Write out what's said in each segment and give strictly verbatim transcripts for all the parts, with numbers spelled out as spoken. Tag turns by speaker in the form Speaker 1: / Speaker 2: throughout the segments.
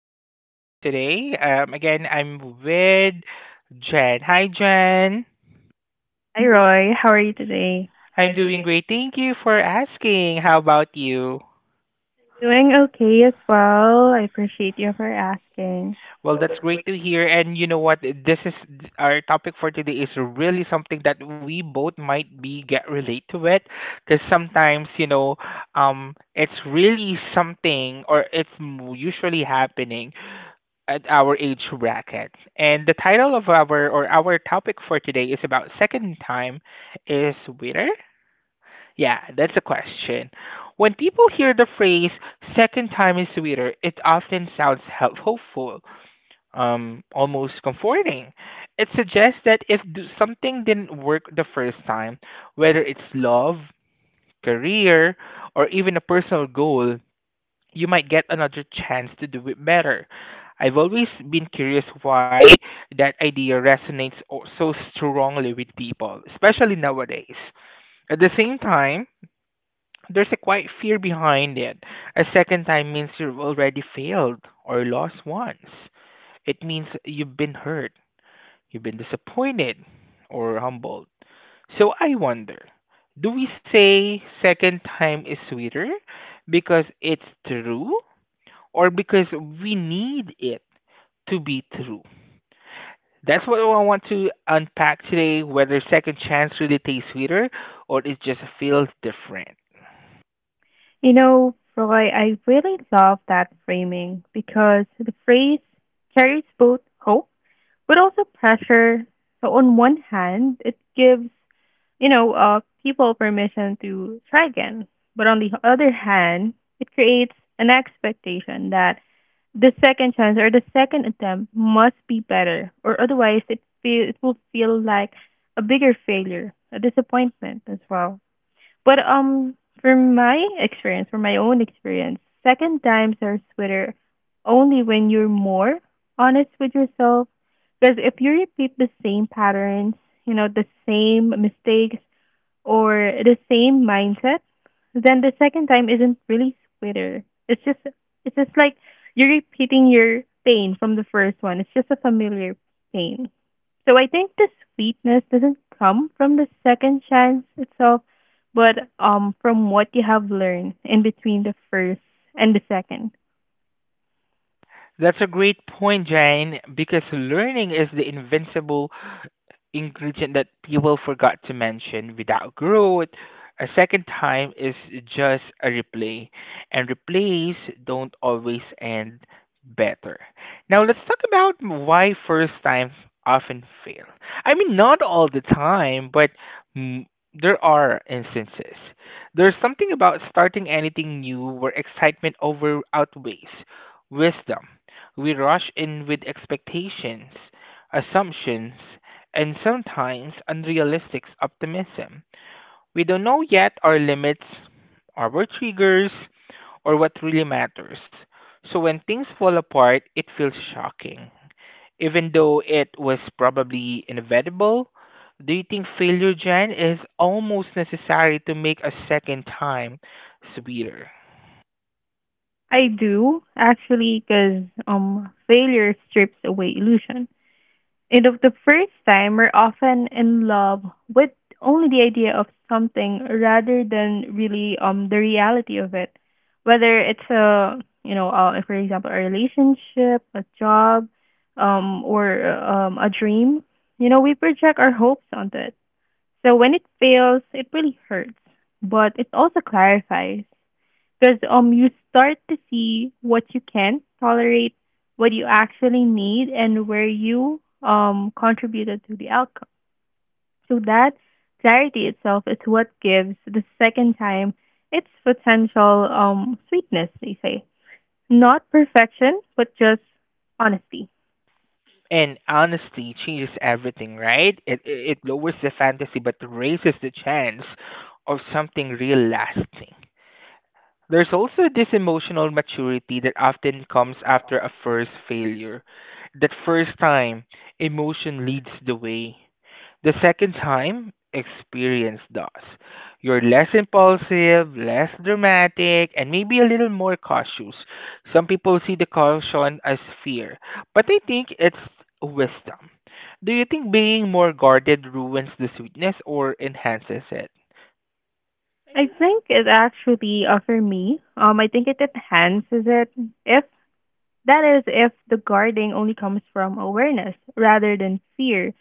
Speaker 1: our podcast today. Um, again, I'm with Jen. Hi Jen.
Speaker 2: Hi, Roy. How are you today?
Speaker 1: I'm doing great. Thank you for asking. How about you?
Speaker 2: Doing okay as well. I appreciate you for asking.
Speaker 1: Well, that's great to hear. And you know what? This is our topic for today is really something that we both might be get relate to it, because sometimes you know, um, it's really something or it's m- usually happening at our age bracket. And the title of our or our topic for today is about second time is sweeter. Yeah, that's the question. When people hear the phrase second time is sweeter, it often sounds help- hopeful, um, almost comforting. It suggests that if d- something didn't work the first time, whether it's love, career, or even a personal goal, you might get another chance to do it better. I've always been curious why that idea resonates o- so strongly with people, especially nowadays. At the same time, there's a quiet fear behind it. A second time means you've already failed or lost once. It means you've been hurt, you've been disappointed, or humbled. So I wonder, do we say second time is sweeter because it's true or because we need it to be true? That's what I want to unpack today, whether second chance really tastes sweeter or it just feels different.
Speaker 2: You know, Roy, I really love that framing because the phrase carries both hope but also pressure. So on one hand, it gives, you know, uh, people permission to try again. But on the other hand, it creates an expectation that the second chance or the second attempt must be better, or otherwise it feel it will feel like a bigger failure, a disappointment as well. But um, From my experience, from my own experience, second times are sweeter only when you're more honest with yourself. Because if you repeat the same patterns, you know, the same mistakes, or the same mindset, then the second time isn't really sweeter. It's just it's just like you're repeating your pain from the first one. It's just a familiar pain. So I think the sweetness doesn't come from the second chance itself, but um from what you have learned in between the first and the second.
Speaker 1: That's a great point, Jane, because learning is the invincible ingredient that people forgot to mention. Without growth, a second time is just a replay, and replays don't always end better. Now let's talk about why first times often fail. I mean, not all the time, but mm, there are instances. There's something about starting anything new where excitement over outweighs wisdom. We rush in with expectations, assumptions, and sometimes unrealistic optimism. We don't know yet our limits, our triggers, or what really matters. So when things fall apart, it feels shocking. Even though it was probably inevitable, do you think failure, Jen, is almost necessary to make a second time sweeter?
Speaker 2: I do actually because um failure strips away illusion. And of the first time, we're often in love with only the idea of something rather than really um the reality of it. Whether it's a you know, uh, for example, a relationship, a job, um, or uh, um, a dream, you know, we project our hopes onto it. So when it fails, it really hurts, but it also clarifies because um you start to see what you can tolerate, what you actually need, and where you um contributed to the outcome. So that clarity itself is what gives the second time its potential um sweetness, they say. Not perfection, but just honesty.
Speaker 1: And honesty changes everything, right? It, it it lowers the fantasy but raises the chance of something real lasting. There's also this emotional maturity that often comes after a first failure. That first time, emotion leads the way. The second time, experience does. You're less impulsive, less dramatic, and maybe a little more cautious. Some people see the caution as fear, but I think it's wisdom. Do you think being more guarded ruins the sweetness or enhances it?
Speaker 2: I think it actually uh, for me, um I think it enhances it if that is if the guarding only comes from awareness rather than fear.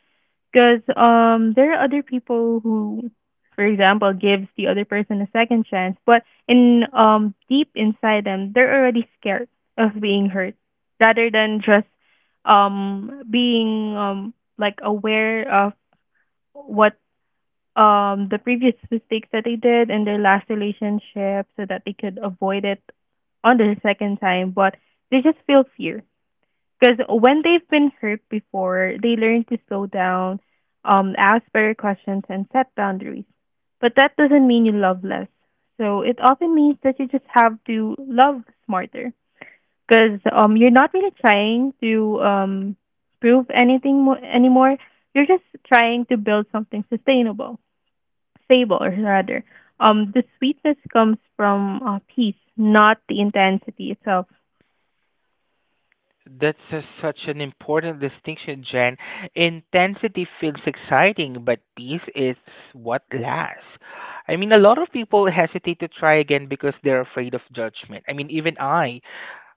Speaker 2: Because um, there are other people who, for example, gives the other person a second chance, but in um, deep inside them, they're already scared of being hurt, rather than just um, being um, like aware of what um, the previous mistakes that they did in their last relationship, so that they could avoid it on their second time. But they just feel fear because when they've been hurt before, they learn to slow down, um, ask better questions, and set boundaries. But that doesn't mean you love less. So it often means that you just have to love smarter. Because um, you're not really trying to um, prove anything mo- anymore. You're just trying to build something sustainable, stable, or rather. Um, the sweetness comes from uh, peace, not the intensity itself.
Speaker 1: That's a, such an important distinction, Jen. Intensity feels exciting, but peace is what lasts. I mean, a lot of people hesitate to try again because they're afraid of judgment. I mean, even I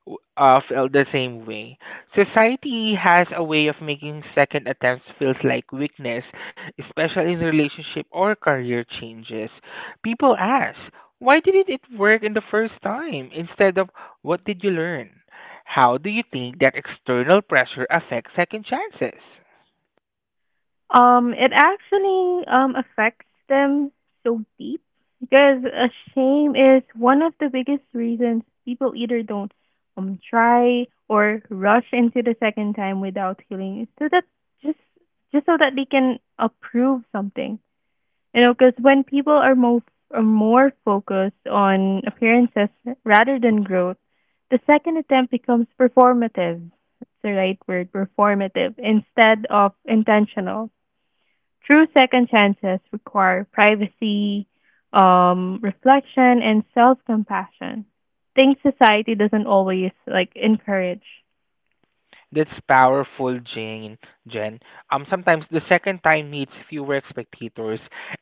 Speaker 1: w- uh, felt the same way. Society has a way of making second attempts feels like weakness, especially in relationship or career changes. People ask, "Why didn't it work in the first time?" instead of "What did you learn?" How do you think that external pressure affects second chances?
Speaker 2: Um, it actually um affects them so deep because uh, shame is one of the biggest reasons people either don't um try or rush into the second time without healing, so that just just so that they can approve something, you know, because when people are more are more focused on appearances rather than growth, the second attempt becomes performative. That's the right word, performative, instead of intentional. True second chances require privacy, um, reflection, and self-compassion. Things society doesn't always like encourage.
Speaker 1: That's powerful, Jane. Jen. Um, sometimes the second time needs fewer spectators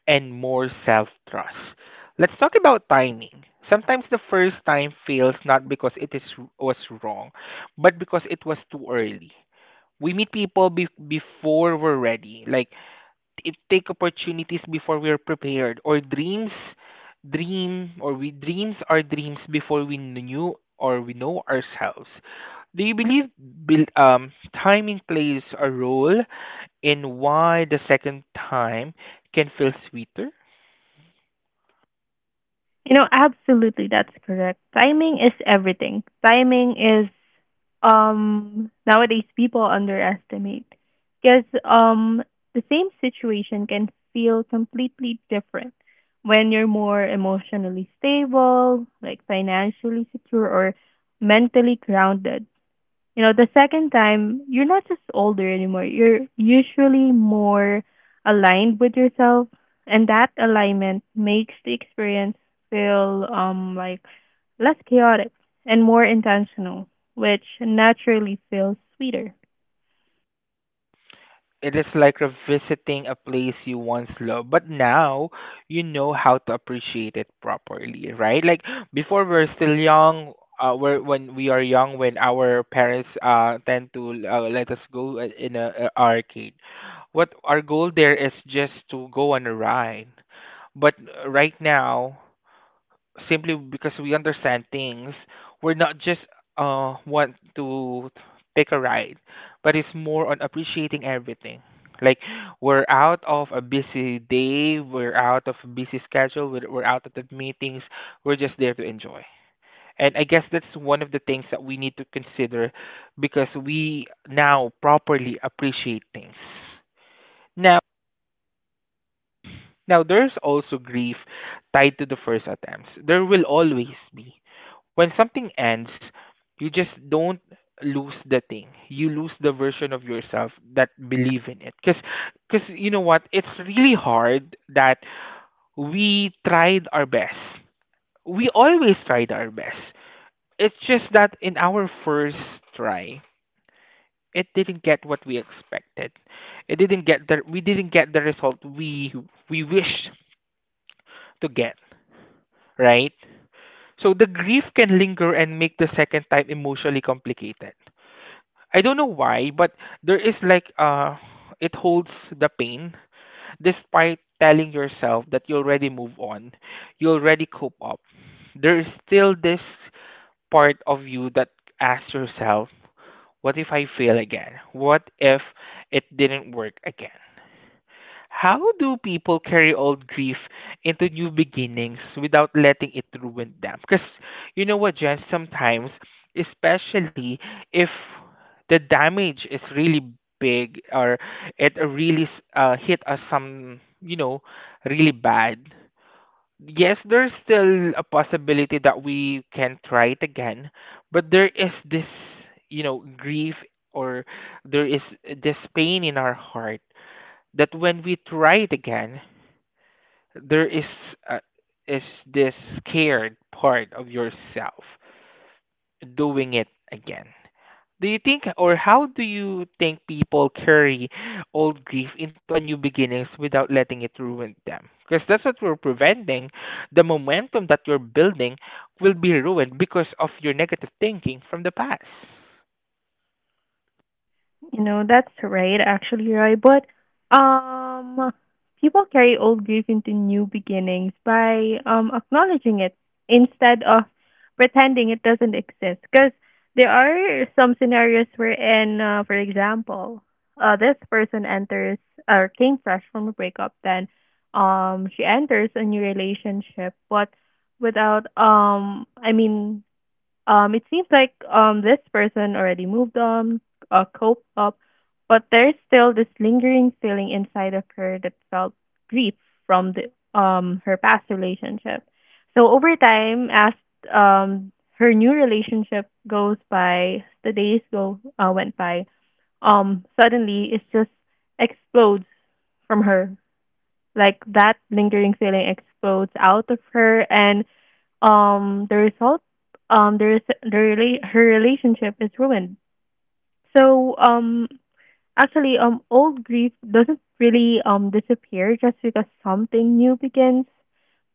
Speaker 1: and more self-trust. Let's talk about timing. Sometimes the first time fails not because it is was wrong, but because it was too early. We meet people be- before we're ready. Like it take opportunities before we're prepared or dreams dream or we dreams are dreams before we knew or we know ourselves. Do you believe build, um, timing plays a role in why the second time can feel sweeter?
Speaker 2: You know, absolutely, that's correct. Timing is everything. Timing is um Nowadays people underestimate because um the same situation can feel completely different when you're more emotionally stable, like financially secure or mentally grounded. You know, the second time, you're not just older anymore. You're usually more aligned with yourself, and that alignment makes the experience feel um like less chaotic and more intentional, which naturally feels sweeter.
Speaker 1: It is like revisiting a place you once loved, but now you know how to appreciate it properly, right? Like before, we're still young. Uh, we're, when we are young, when our parents uh tend to uh, let us go uh, in a, a arcade, what our goal there is just to go on a ride. But uh, right now, simply because we understand things, we're not just uh want to take a ride, but it's more on appreciating everything. Like we're out of a busy day, we're out of a busy schedule, we're, we're out of the meetings. We're just there to enjoy. And I guess that's one of the things that we need to consider because we now properly appreciate things. Now, there's also grief tied to the first attempts. There will always be. When something ends, you just don't lose the thing. You lose the version of yourself that believe in it. Because, cause 'cause you know what? It's really hard that we tried our best. We always tried our best. It's just that in our first try, it didn't get what we expected. It didn't get the We didn't get the result we we wished to get. Right? So the grief can linger and make the second time emotionally complicated. I don't know why, but there is like uh it holds the pain despite telling yourself that you already move on, you already cope up. There is still this part of you that asks yourself, what if I fail again? What if it didn't work again? How do people carry old grief into new beginnings without letting it ruin them? Because you know what, Jen, sometimes, especially if the damage is really big or it really uh, hit us some, you know, really bad, yes, there's still a possibility that we can try it again, but there is this, you know, grief or there is this pain in our heart that when we try it again, there is uh, is this scared part of yourself doing it again. Do you think, or how do you think people carry old grief into a new beginnings without letting it ruin them? Because that's what we're preventing. The momentum that you're building will be ruined because of your negative thinking from the past.
Speaker 2: You know, that's right, actually, right? But um, People carry old grief into new beginnings by um acknowledging it instead of pretending it doesn't exist. Because there are some scenarios wherein, uh, for example, uh, this person enters or came fresh from a breakup, then um, she enters a new relationship, but without um, I mean, um, it seems like um this person already moved on, uh, coped up, but there's still this lingering feeling inside of her that felt grief from the um her past relationship. So over time, as um her new relationship goes by, the days go uh, went by. Um, suddenly it just explodes from her. Like that lingering feeling explodes out of her, and um the result um the res- the rela- her relationship is ruined. so um Actually, um old grief doesn't really um disappear just because something new begins,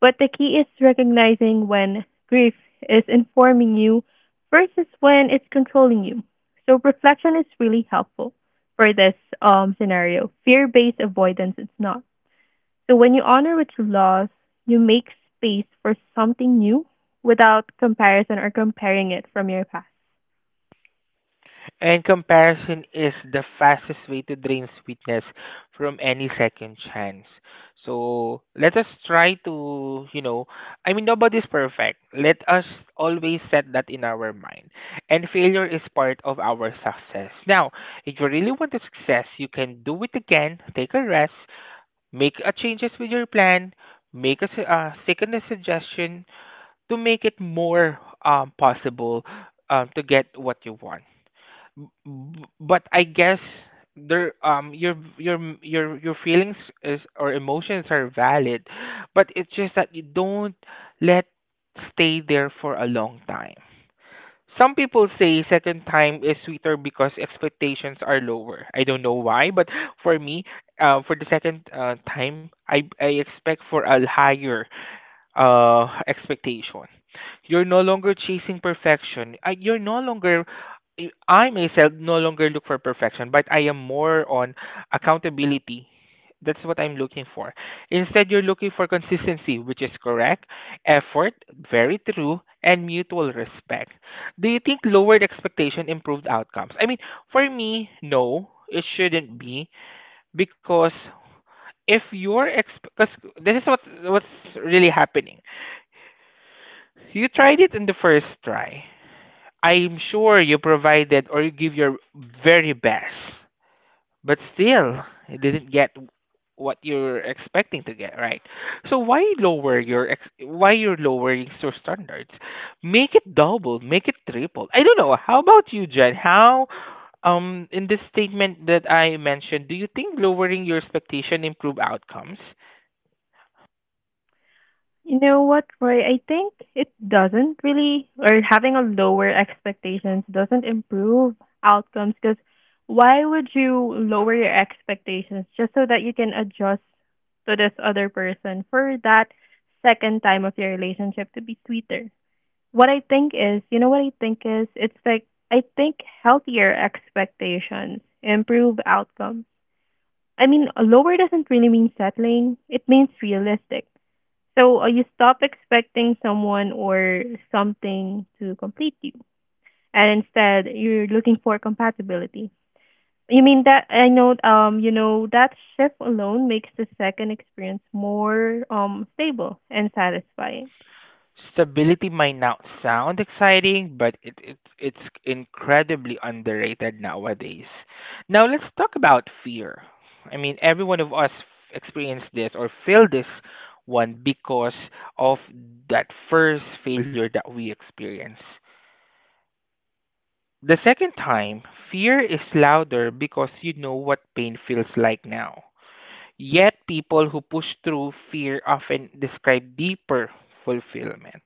Speaker 2: but the key is recognizing when grief is informing you versus when it's controlling you. So reflection is really helpful for this um scenario. Fear based avoidance is not. So when you honor what you lost, you make space for something new without comparison or comparing it from your past.
Speaker 1: And comparison is the fastest way to drain sweetness from any second chance. So let us try to, you know, I mean, nobody's perfect. Let us always set that in our mind. And failure is part of our success. Now, if you really want to success, you can do it again, take a rest, make a changes with your plan, make a su- uh, second suggestion to make it more um, possible um, to get what you want. B- b- but I guess there um your your your your feelings is or emotions are valid, but it's just that you don't let stay there for a long time. Some people say second time is sweeter because expectations are lower. I don't know why, but for me, uh, for the second uh, time, I I expect for a higher uh expectation. You're no longer chasing perfection. I, you're no longer I I myself no longer look for perfection, but I am more on accountability. That's what I'm looking for. Instead, you're looking for consistency, which is correct, effort, very true, and mutual respect. Do you think lowered expectation improved outcomes? I mean, for me, no, it shouldn't be because if your ex, because this is what what's really happening. You tried it in the first try. I'm sure you provided or you give your very best, but still, you didn't get what you're expecting to get, right? So why lower your ex- why you're lowering your standards? Make it double, make it triple. I don't know. How about you, Jen? How um in this statement that I mentioned, do you think lowering your expectation improve outcomes?
Speaker 2: You know what, Roy? I think it doesn't really, or having a lower expectations doesn't improve outcomes because why would you lower your expectations just so that you can adjust to this other person for that second time of your relationship to be sweeter? What I think is, You know what I think is, it's like I think healthier expectations improve outcomes. I mean, lower doesn't really mean settling, it means realistic. So uh, you stop expecting someone or something to complete you, and instead you're looking for compatibility. You mean that I know um you know that shift alone makes the second experience more um stable and satisfying.
Speaker 1: Stability might not sound exciting, but it, it it's incredibly underrated nowadays. Now let's talk about fear. I mean, every one of us experienced this or feel this one because of that first failure that we experience. The second time, fear is louder because you know what pain feels like now. Yet, people who push through fear often describe deeper fulfillment.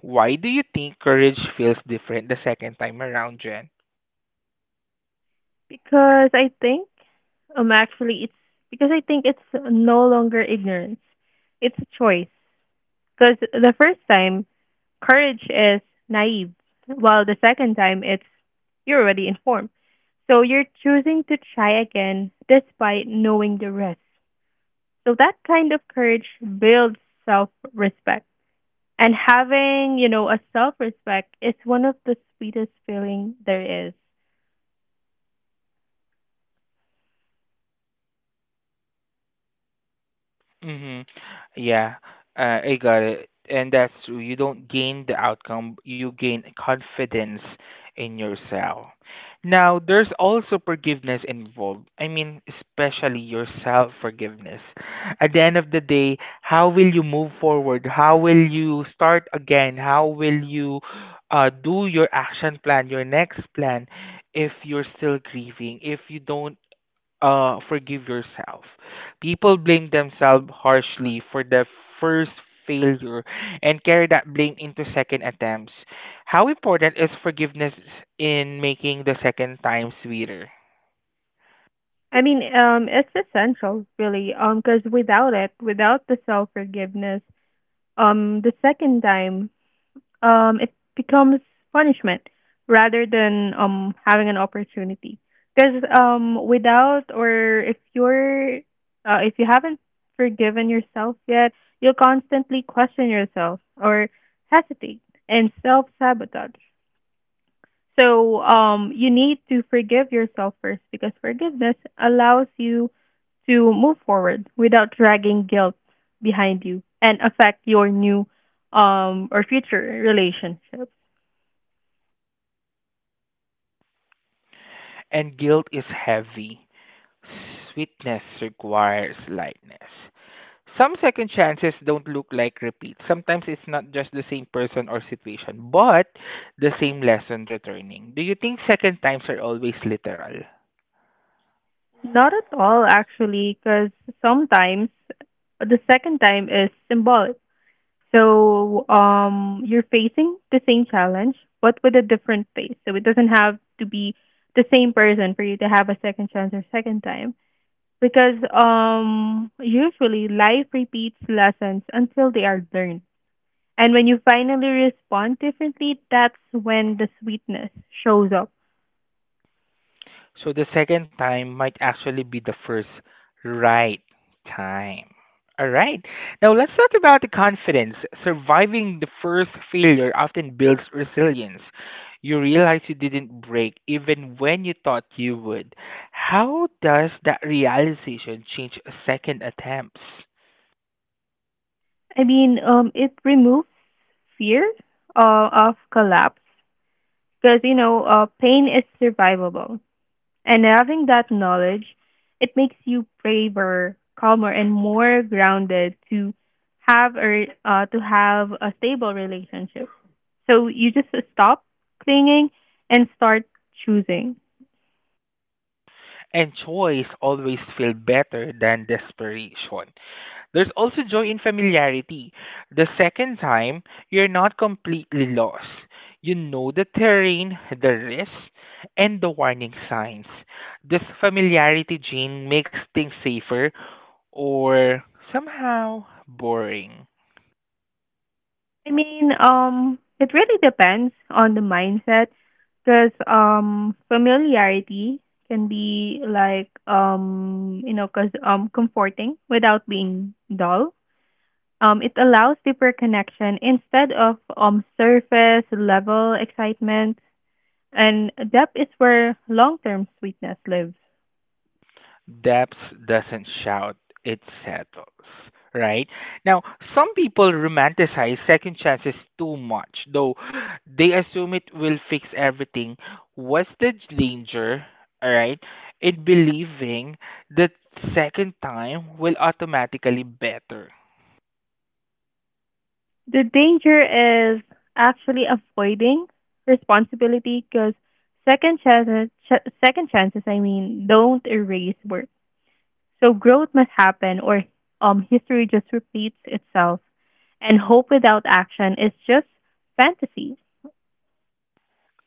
Speaker 1: Why do you think courage feels different the second time around, Jen?
Speaker 2: Because I think, um, actually, it's because I think it's no longer ignorance. It's a choice. Because the first time, courage is naive, while the second time, it's you're already informed. So you're choosing to try again despite knowing the risk. So that kind of courage builds self respect. And having, you know, a self respect is one of the sweetest feeling there is.
Speaker 1: Mm-hmm. Yeah, uh, I got it. And that's true. You don't gain the outcome, you gain confidence in yourself. Now, there's also forgiveness involved. I mean, especially your self forgiveness. At the end of the day, how will you move forward? How will you start again? How will you uh, do your action plan, your next plan, if you're still grieving, if you don't uh, forgive yourself. People blame themselves harshly for the first failure and carry that blame into second attempts. How important is forgiveness in making the second time sweeter?
Speaker 2: I mean, um, it's essential, really, um, because without it, without the self forgiveness, um, the second time, um, it becomes punishment rather than um having an opportunity. Because um, without or if you're, uh, if you haven't forgiven yourself yet, you'll constantly question yourself or hesitate and self sabotage. So um, you need to forgive yourself first because forgiveness allows you to move forward without dragging guilt behind you and affect your new um, or future relationships.
Speaker 1: And guilt is heavy. Sweetness requires lightness. Some second chances don't look like repeats. Sometimes it's not just the same person or situation, but the same lesson returning. Do you think second times are always literal?
Speaker 2: Not at all, actually, because sometimes the second time is symbolic. So um, you're facing the same challenge, but with a different face. So it doesn't have to be the same person for you to have a second chance or second time because um usually life repeats lessons until they are learned. And when you finally respond differently, that's when the sweetness shows up.
Speaker 1: So the second time might actually be the first right time. All right. Now let's talk about the confidence. Surviving the first failure often builds resilience. You realize you didn't break even when you thought you would. How does that realization change second attempts?
Speaker 2: I mean, um it removes fear uh, of collapse because you know, uh, pain is survivable. And having that knowledge, it makes you braver, calmer, and more grounded to have a uh, to have a stable relationship. So you just stop clinging and start choosing.
Speaker 1: And choice always feel better than desperation. There's also joy in familiarity. The second time, you're not completely lost. You know the terrain, the risks, and the warning signs. This familiarity gene makes things safer or somehow boring.
Speaker 2: I mean, um, it really depends on the mindset because um, familiarity can be like um, you know, cause um, comforting without being dull. Um, it allows deeper connection instead of um, surface level excitement, and depth is where long term sweetness lives.
Speaker 1: Depth doesn't shout, it settles. Right? Now, some people romanticize second chances too much, though they assume it will fix everything. What's the danger, alright, in believing that second time will automatically better?
Speaker 2: The danger is actually avoiding responsibility because second chances, ch- second chances, I mean, don't erase work. So growth must happen, or um, history just repeats itself, and hope without action is just fantasy.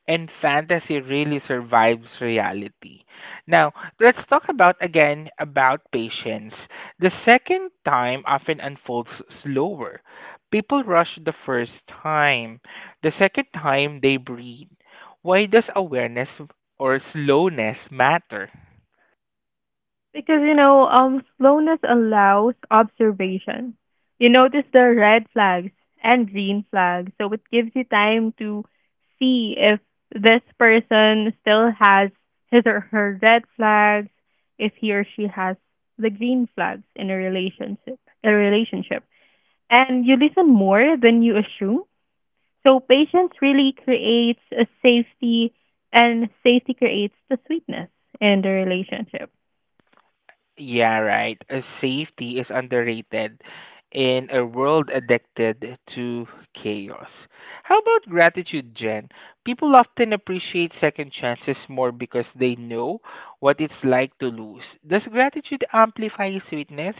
Speaker 1: And fantasy really survives reality. Now, let's talk about again about patience. The second time often unfolds slower. People rush the first time. The second time they breathe. Why does awareness or slowness matter?
Speaker 2: Because you know, um, slowness allows observation. You notice the red flags and green flags, so it gives you time to see if this person still has his or her red flags, if he or she has the green flags in a relationship. A relationship, and you listen more than you assume. So patience really creates a safety, and safety creates the sweetness in the relationship.
Speaker 1: Yeah, right. Uh, safety is underrated in a world addicted to chaos. How about gratitude, Jen? People often appreciate second chances more because they know what it's like to lose. Does gratitude amplify sweetness?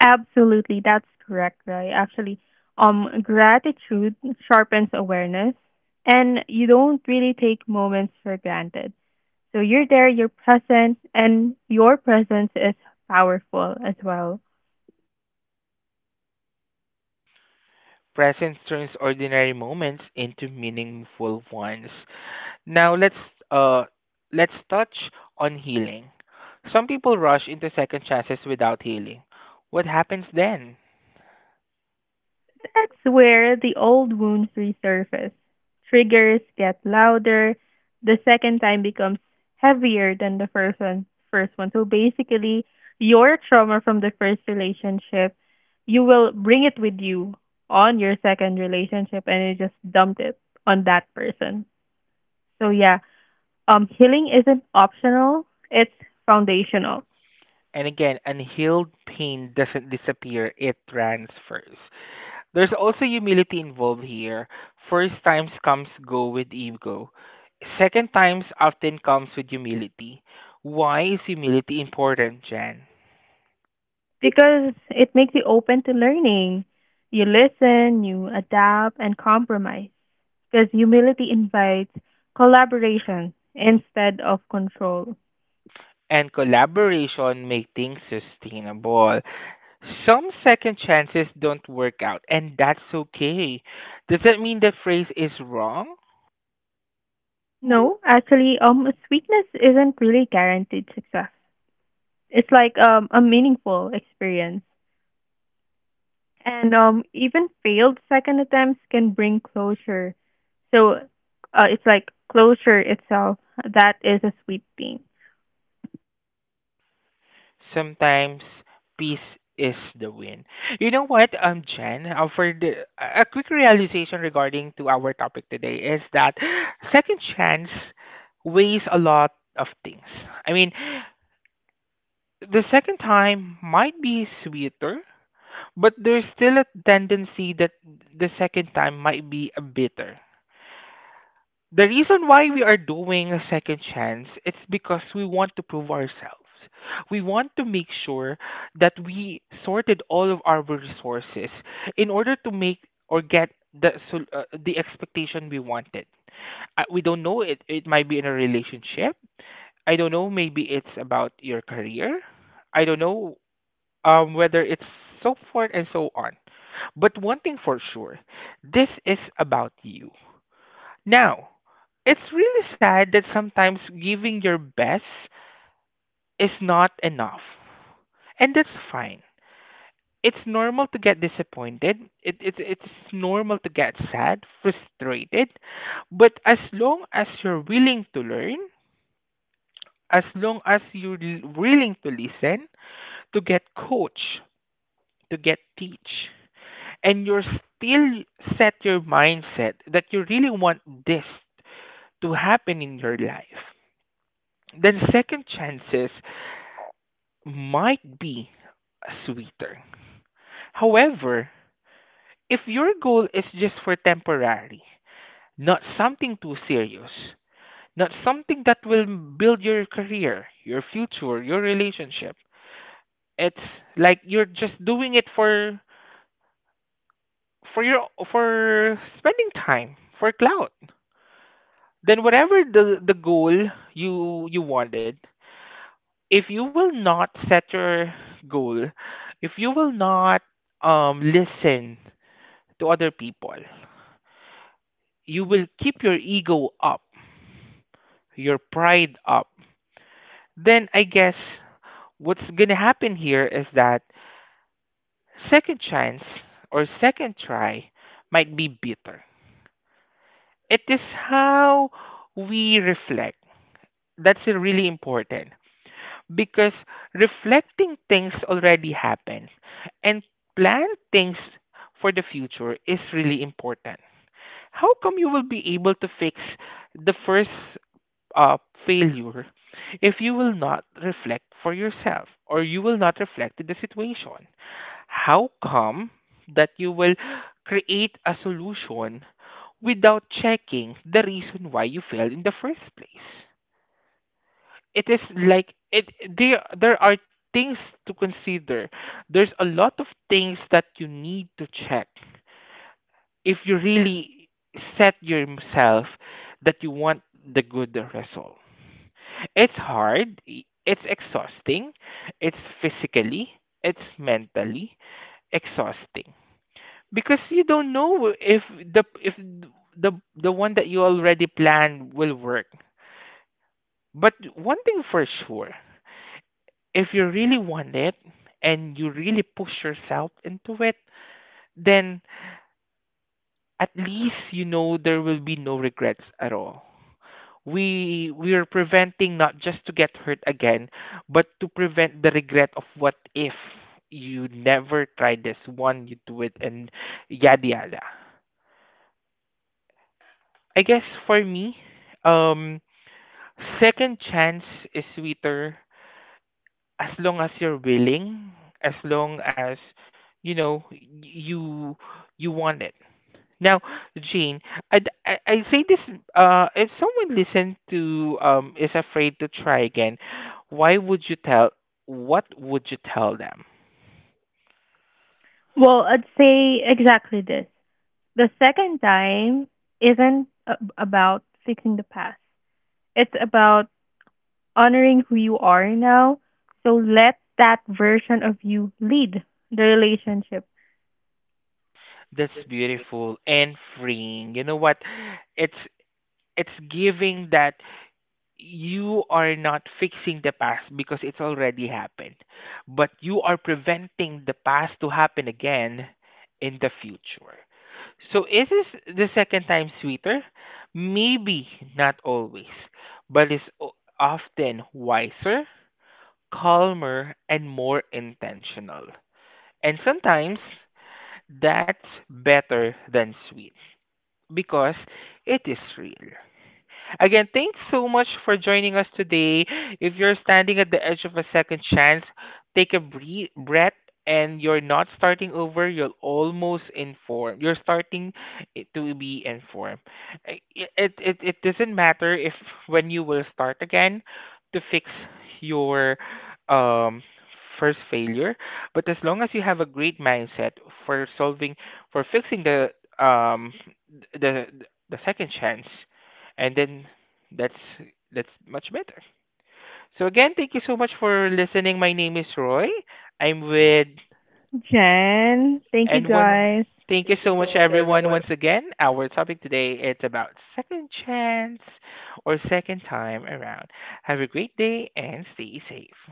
Speaker 2: Absolutely, that's correct, Roy. Actually, um, gratitude sharpens awareness, and you don't really take moments for granted. So you're there, you're present, and your presence is powerful as well.
Speaker 1: Presence turns ordinary moments into meaningful ones. Now let's uh let's touch on healing. Some people rush into second chances without healing. What happens then?
Speaker 2: That's where the old wounds resurface. Triggers get louder. The second time becomes heavier than the first one. First one. So basically, your trauma from the first relationship, you will bring it with you on your second relationship, and you just dumped it on that person. So yeah, um, healing isn't optional; it's foundational.
Speaker 1: And again, unhealed pain doesn't disappear, it transfers. There's also humility involved here. First times comes go with ego. Second times often comes with humility. Why is humility important, Jan?
Speaker 2: Because it makes you open to learning. You listen, you adapt, and compromise. Because humility invites collaboration instead of control.
Speaker 1: And collaboration make things sustainable. Some second chances don't work out, and that's okay. Does that mean the phrase is wrong?
Speaker 2: No, actually, um, sweetness isn't really guaranteed success. It's like um, a meaningful experience. And um, even failed second attempts can bring closure. So uh, it's like closure itself. That is a sweet thing.
Speaker 1: Sometimes peace is the win. You know what, um, Jen, uh, for the, a a quick realization regarding to our topic today is that second chance weighs a lot of things. I mean, the second time might be sweeter, but there's still a tendency that the second time might be a bitter. The reason why we are doing a second chance it's because we want to prove ourselves, we want to make sure that we sorted all of our resources in order to make or get the sol- uh, the expectation we wanted. I, we don't know, it it might be in a relationship, I don't know, maybe it's about your career, I don't know, um whether it's so forth and so on, but one thing for sure, this is about you. Now, it's really sad that sometimes giving your best is not enough. And that's fine. It's normal to get disappointed. It, it, it's normal to get sad, frustrated. But as long as you're willing to learn, as long as you're l- willing to listen, to get coach, to get teach, and you're still set your mindset that you really want this to happen in your life, then second chances might be sweeter. However, if your goal is just for temporary, not something too serious, not something that will build your career, your future, your relationship, it's like you're just doing it for for your for spending time, for clout. Then whatever the the goal you you wanted, if you will not set your goal, if you will not um, listen to other people, you will keep your ego up, your pride up. Then I guess what's going to happen here is that second chance or second try might be bitter. It is how we reflect. That's really important. Because reflecting things already happened and plan things for the future is really important. How come you will be able to fix the first uh, failure if you will not reflect for yourself or you will not reflect the situation? How come that you will create a solution without checking the reason why you failed in the first place? It is like it there there are things to consider, there's a lot of things that you need to check if you really set yourself that you want the good result. It's hard i- it's exhausting, it's physically, it's mentally exhausting, because you don't know if the if the the one that you already planned will work. But one thing for sure, if you really want it and you really push yourself into it, then at least you know there will be no regrets at all. We we are preventing not just to get hurt again, but to prevent the regret of what if you never tried this one, you do it and yada yada. I guess for me, um second chance is sweeter as long as you're willing, as long as you know y- you you want it. Now, Jean, I I, I say this. Uh, if someone listen to um is afraid to try again, why would you tell? What would you tell them?
Speaker 2: Well, I'd say exactly this. The second time isn't a- about fixing the past. It's about honoring who you are now. So let that version of you lead the relationship.
Speaker 1: That's beautiful and freeing. You know what? It's it's giving that. You are not fixing the past because it's already happened, but you are preventing the past to happen again in the future. So is this the second time sweeter? Maybe not always, but it's o- often wiser, calmer, and more intentional. And sometimes that's better than sweet because it is real. Again, thanks so much for joining us today. If you're standing at the edge of a second chance, take a breathe, breath, and you're not starting over, you're almost informed. You're starting i- to be informed. I- It, it, it doesn't matter if when you will start again to fix your um, first failure, but as long as you have a great mindset for solving, for fixing the um, the the second chance, and then that's that's much better. So again, thank you so much for listening. My name is Roy. I'm with
Speaker 2: Jen, thank you
Speaker 1: and one
Speaker 2: guys.
Speaker 1: thank you so much everyone once again. Our topic today is about second chance or second time around. Have a great day and stay safe.